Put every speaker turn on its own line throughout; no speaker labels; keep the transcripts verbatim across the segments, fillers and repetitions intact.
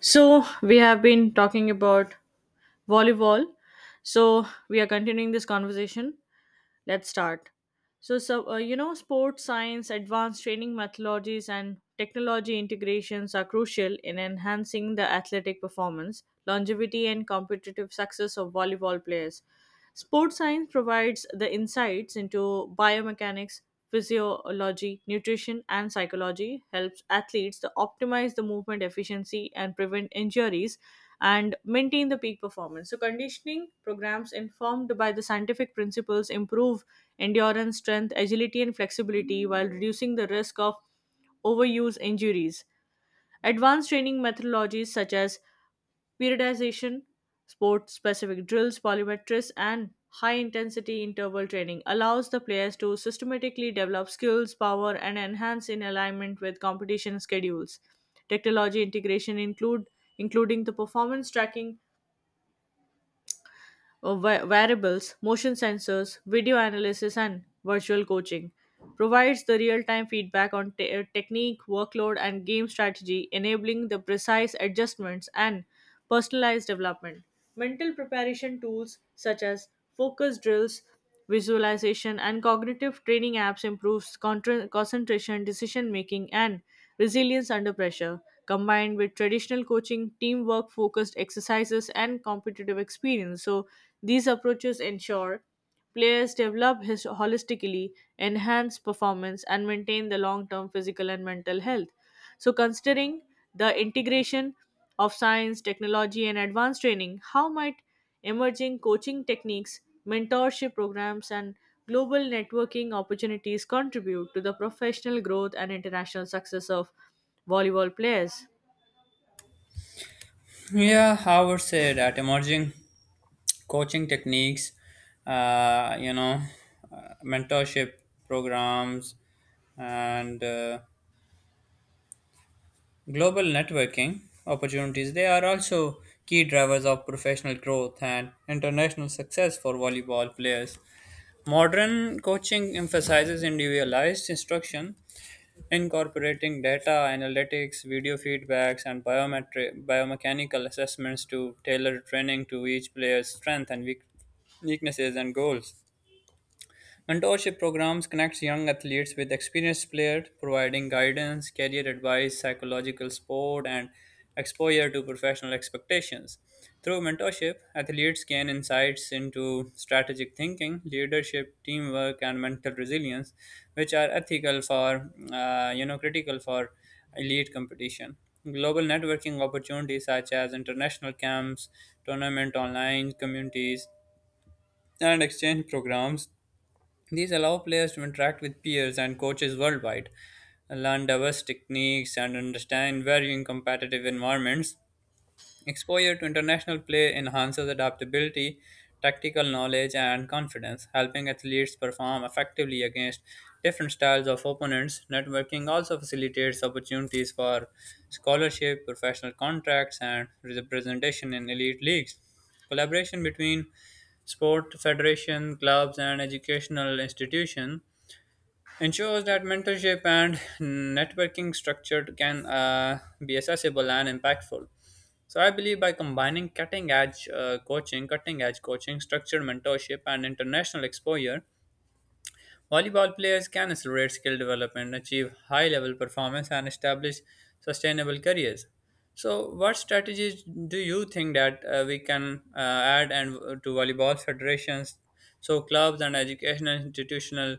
So, we have been talking about volleyball. So, we are continuing this conversation. Let's start. So, so uh, you know, sports science, advanced training methodologies, and technology integrations are crucial in enhancing the athletic performance, longevity, and competitive success of volleyball players. Sports science provides the insights into biomechanics, physiology, nutrition, and psychology, helps athletes to optimize the movement efficiency and prevent injuries and maintain the peak performance. So, conditioning programs informed by the scientific principles improve endurance, strength, agility, and flexibility while reducing the risk of overuse injuries. Advanced training methodologies such as periodization, sport specific drills, polymetrics, and high intensity interval training allows the players to systematically develop skills, power, and enhance in alignment with competition schedules. Technology integration include including the performance tracking uh, va- variables, motion sensors, video analysis, and virtual coaching. Provides the real time feedback on te- uh, technique, workload, and game strategy, enabling the precise adjustments and personalized development. Mental preparation tools such as focus drills, visualization and cognitive training apps improves contra- concentration, decision making, and resilience under pressure. Combined with traditional coaching, teamwork focused exercises, and competitive experience. So, these approaches ensure players develop his- holistically, enhance performance, and maintain the long term physical and mental health. So, considering the integration of science, technology, and advanced training, how might emerging coaching techniques, mentorship programs, and global networking opportunities contribute to the professional growth and international success of volleyball players?
Yeah, I would say that emerging coaching techniques, uh, you know, uh, mentorship programs, and uh, global networking opportunities, they are also key drivers of professional growth and international success for volleyball players. Modern coaching emphasizes individualized instruction incorporating data analytics, video feedbacks, and biometric biomechanical assessments to tailor training to each player's strength and weak, weaknesses and goals. Mentorship programs connect young athletes with experienced players, providing guidance, career advice, psychological support, and exposure to professional expectations. Through mentorship, athletes gain insights into strategic thinking, leadership, teamwork, and mental resilience, which are ethical for uh, you know critical for elite competition. Global networking opportunities such as international camps, tournament online communities, and exchange programs these allow players to interact with peers and coaches worldwide, learn diverse techniques, and understand varying competitive environments. Exposure to international play enhances adaptability, tactical knowledge, and confidence, helping athletes perform effectively against different styles of opponents. Networking also facilitates opportunities for scholarship, professional contracts, and representation in elite leagues. Collaboration between sport federation, clubs, and educational institutions ensures that mentorship and networking structure can uh, be accessible and impactful. So I believe by combining cutting edge uh, coaching, cutting edge coaching, structured mentorship, and international exposure, volleyball players can accelerate skill development, achieve high level performance, and establish sustainable careers. So, what strategies do you think that uh, we can uh, add and uh, to volleyball federations, so clubs and educational institutional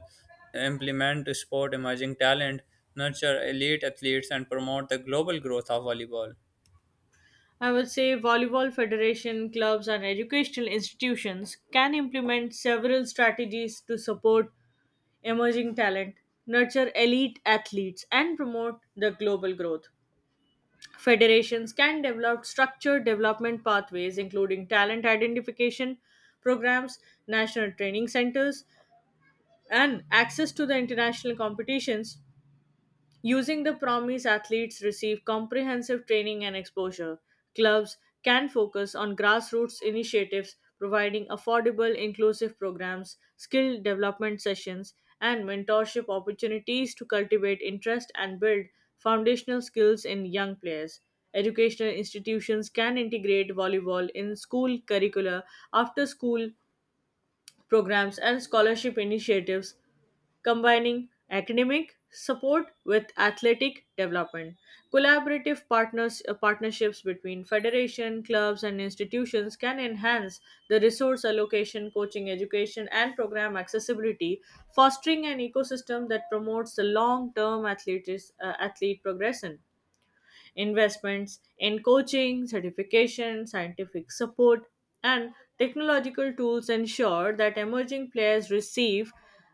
implement to support emerging talent, nurture elite athletes, and promote the global growth of volleyball?
I would say volleyball federation, clubs, and educational institutions can implement several strategies to support emerging talent, nurture elite athletes, and promote the global growth. Federations can develop structured development pathways, including talent identification programs, national training centers, and access to the international competitions. Using the promise, athletes receive comprehensive training and exposure. Clubs can focus on grassroots initiatives, providing affordable, inclusive programs, skill development sessions, and mentorship opportunities to cultivate interest and build foundational skills in young players. Educational institutions can integrate volleyball in school curricula, after school programs and scholarship initiatives, combining academic support with athletic development. Collaborative partners, uh, partnerships between federation, clubs, and institutions can enhance the resource allocation, coaching education, and program accessibility, fostering an ecosystem that promotes the long term athlete's uh, athlete progression. Investments in coaching, certification, scientific support, and technological tools ensure that emerging players receive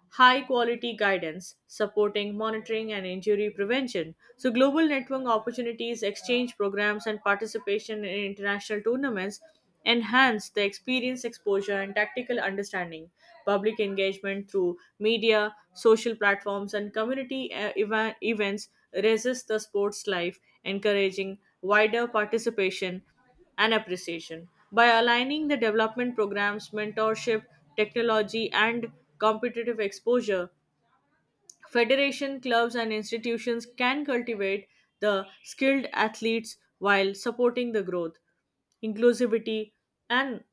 high quality guidance supporting monitoring and injury prevention. So global network opportunities, exchange programs, and participation in international tournaments enhance the experience, exposure, and tactical understanding. Public engagement through media, social platforms, and community uh, eva- events raises the sports life, encouraging wider participation and appreciation. By aligning the development programs, mentorship, technology, and competitive exposure, federation, clubs, and institutions can cultivate the skilled athletes while supporting the growth, inclusivity, and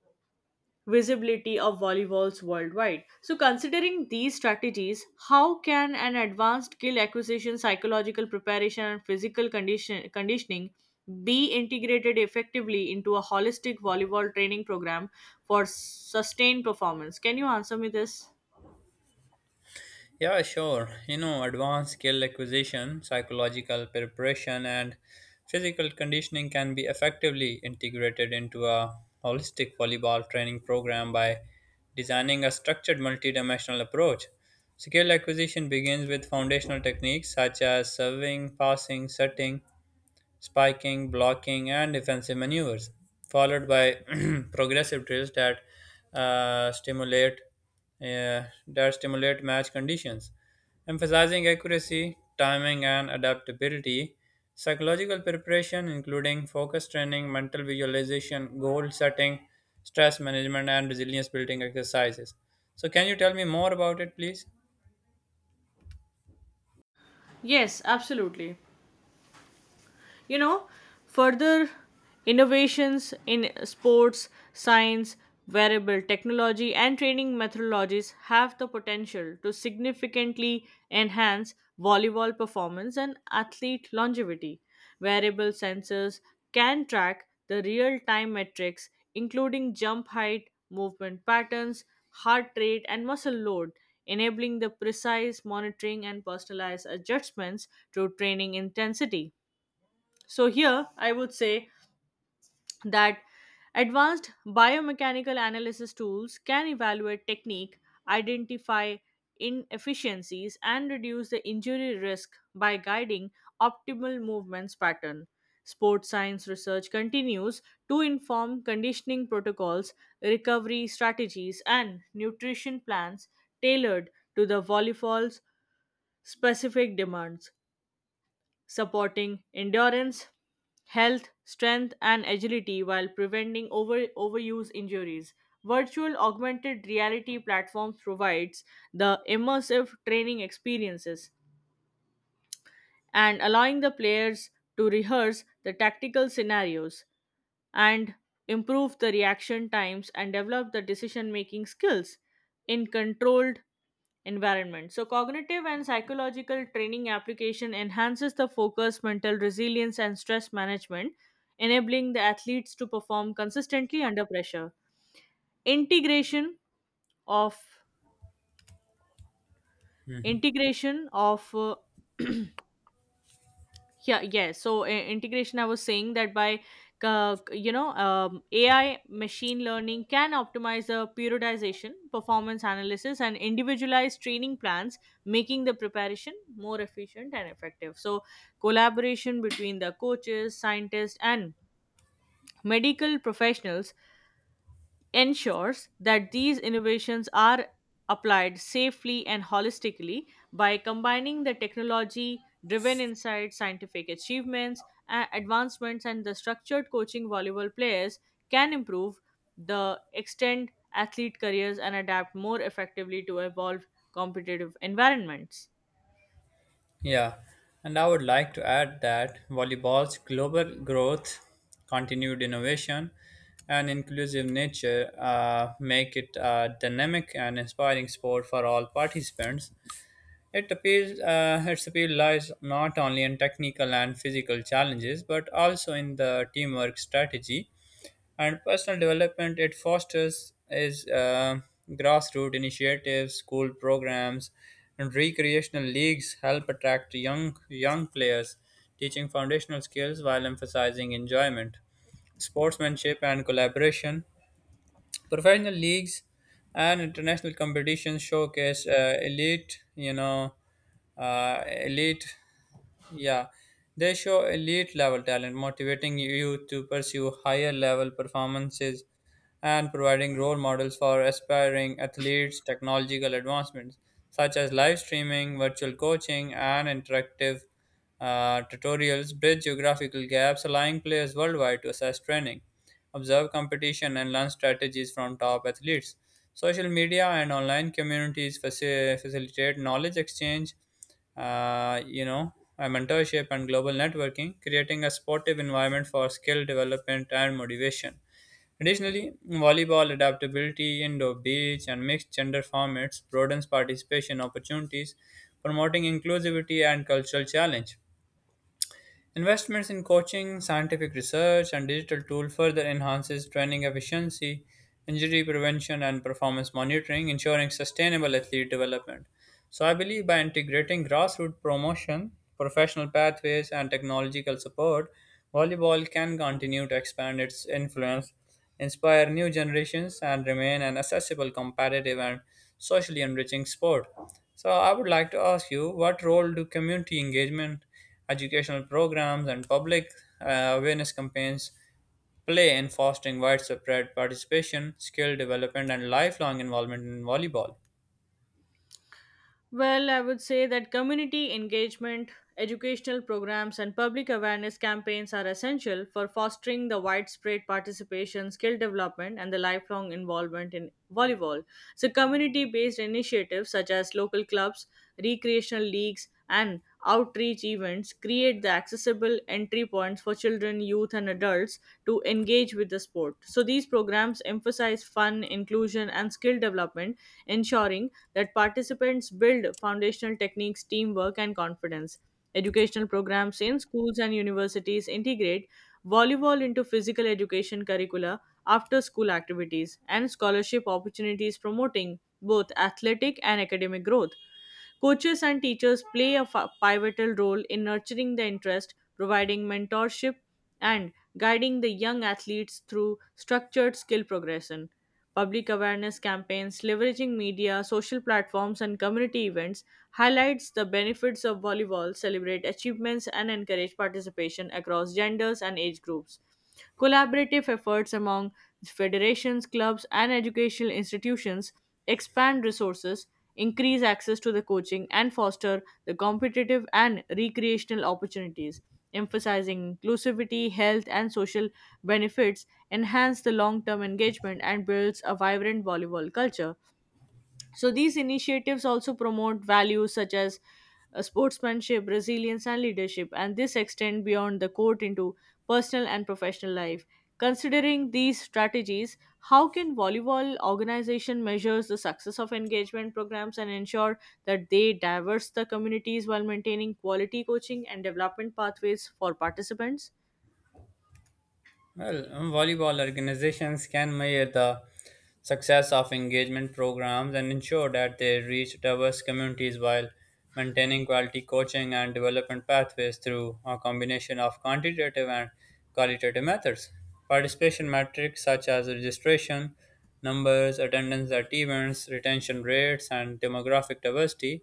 visibility of volleyballs worldwide. So, considering these strategies, how can an advanced skill acquisition, psychological preparation, and physical condition, conditioning be integrated effectively into a holistic volleyball training program for sustained performance? Can you answer me this?
Yeah, sure. You know, advanced skill acquisition, psychological preparation, and physical conditioning can be effectively integrated into a holistic volleyball training program by designing a structured multidimensional approach. Skill acquisition begins with foundational techniques such as serving, passing, setting, spiking, blocking, and defensive maneuvers, followed by progressive drills that uh, stimulate uh, that stimulate match conditions, emphasizing accuracy, timing, and adaptability. Psychological preparation, including focus training, mental visualization, goal setting, stress management, and resilience building exercises. So, can you tell me more about it, please?
Yes, absolutely. You know, further innovations in sports science, wearable technology, and training methodologies have the potential to significantly enhance volleyball performance and athlete longevity. Wearable sensors can track the real time metrics, including jump height, movement patterns, heart rate, and muscle load, enabling the precise monitoring and personalized adjustments to training intensity. So, here I would say that advanced biomechanical analysis tools can evaluate technique, identify inefficiencies, and reduce the injury risk by guiding optimal movements pattern. Sports science research continues to inform conditioning protocols, recovery strategies, and nutrition plans tailored to the volleyball's specific demands, supporting endurance, health, strength, and agility while preventing over, overuse injuries. Virtual augmented reality platforms provides the immersive training experiences and allowing the players to rehearse the tactical scenarios and improve the reaction times and develop the decision making skills in controlled environment. So, cognitive and psychological training application enhances the focus, mental resilience, and stress management, enabling the athletes to perform consistently under pressure. Integration of
Mhm.
integration of uh, yeah yes so i- integration I was saying that by uh, you know um, a i machine learning can optimize the periodization, performance analysis, and individualized training plans, making the preparation more efficient and effective. So collaboration between the coaches, scientists, and medical professionals ensures that these innovations are applied safely and holistically. By combining the technology driven insights, scientific achievements, a- advancements, and the structured coaching, volleyball players can improve the extend athlete careers and adapt more effectively to evolve competitive environments.
Yeah, and I would like to add that volleyball's global growth, continued innovation, and inclusive nature uh, make it a dynamic and inspiring sport for all participants. It appeals, uh, its appeal lies not only in technical and physical challenges, but also in the teamwork strategy and personal development it fosters is uh, grassroots initiatives school programs and recreational leagues help attract young young players teaching foundational skills while emphasizing enjoyment sportsmanship and collaboration professional leagues and international competitions showcase uh, elite you know uh, elite yeah they show elite level talent motivating you to pursue higher level performances and providing role models for aspiring athletes technological advancements such as live streaming virtual coaching and interactive uh, tutorials bridge geographical gaps allowing players worldwide to assess training observe competition, and learn strategies from top athletes. Social media and online communities faci- facilitate knowledge exchange, uh, you know, and mentorship and global networking, creating a supportive environment for skill development and motivation. Additionally, volleyball adaptability, indoor beach, and mixed gender formats broadens participation opportunities, promoting inclusivity and cultural challenge. Investments in coaching, scientific research, and digital tool further enhances training efficiency, injury prevention, and performance monitoring, ensuring sustainable athlete development. So, I believe by integrating grassroots promotion, professional pathways, and technological support, volleyball can continue to expand its influence, inspire new generations, and remain an accessible, competitive, and socially enriching sport. So, I would like to ask you what role do community engagement, educational programs, and public uh, awareness campaigns play in fostering widespread participation, skill development, and lifelong involvement in volleyball?
Well, I would say that community engagement, educational programs, and public awareness campaigns are essential for fostering the widespread participation, skill development, and the lifelong involvement in volleyball. So, community based initiatives such as local clubs, recreational leagues, and outreach events create the accessible entry points for children, youth, and adults to engage with the sport. So, these programs emphasize fun, inclusion, and skill development, ensuring that participants build foundational techniques, teamwork, and confidence. Educational programs in schools and universities integrate volleyball into physical education curricula, after school activities, and scholarship opportunities promoting both athletic and academic growth. Coaches and teachers play a fa- pivotal role in nurturing the interest, providing mentorship, and guiding the young athletes through structured skill progression. Public awareness campaigns, leveraging media, social platforms, and community events highlights the benefits of volleyball, celebrate achievements, and encourage participation across genders and age groups. Collaborative efforts among federations, clubs, and educational institutions expand resources, increase access to the coaching, and foster the competitive and recreational opportunities. Emphasizing inclusivity, health, and social benefits enhance the long term engagement and builds a vibrant volleyball culture. So these initiatives also promote values such as uh, sportsmanship, resilience, and leadership, and this extend beyond the court into personal and professional life. Considering these strategies, how can volleyball organization measures the success of engagement programs and ensure that they diverse the communities while maintaining quality coaching and development pathways for participants?
Well, um, volleyball organizations can measure the success of engagement programs and ensure that they reach diverse communities while maintaining quality coaching and development pathways through a combination of quantitative and qualitative methods. Participation metrics such as registration, numbers, attendance at events, retention rates, and demographic diversity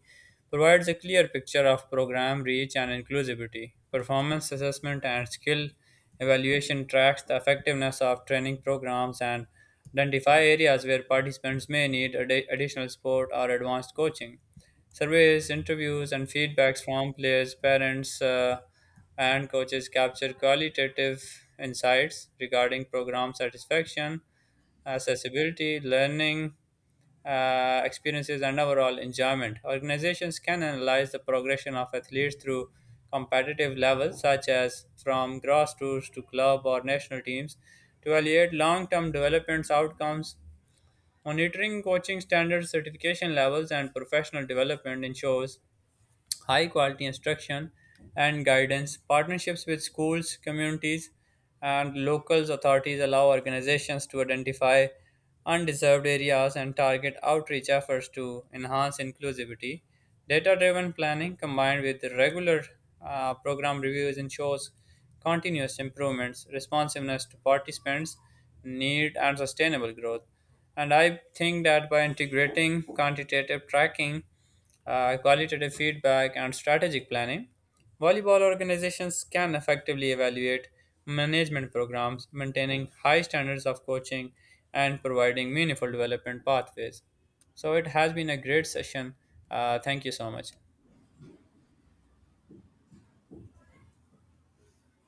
provides a clear picture of program reach and inclusivity. Performance assessment and skill evaluation tracks the effectiveness of training programs and identify areas where participants may need addi- additional support or advanced coaching. Surveys, interviews, and feedbacks from players, parents, uh, and coaches capture qualitative insights regarding program satisfaction, accessibility, learning, uh, experiences, and overall enjoyment. Organizations can analyze the progression of athletes through competitive levels, such as from grassroots to club or national teams, to evaluate long term development outcomes. Monitoring coaching standards, certification levels, and professional development ensures high quality instruction and guidance. Partnerships with schools, communities, and local authorities allow organizations to identify undeserved areas and target outreach efforts to enhance inclusivity. Data driven planning combined with regular uh, program reviews ensures continuous improvements, responsiveness to participants' need, and sustainable growth. And I think that by integrating quantitative tracking uh, qualitative feedback, and strategic planning, volleyball organizations can effectively evaluate management programs, maintaining high standards of coaching and providing meaningful development pathways. So, it has been a great session. Uh, thank you so much.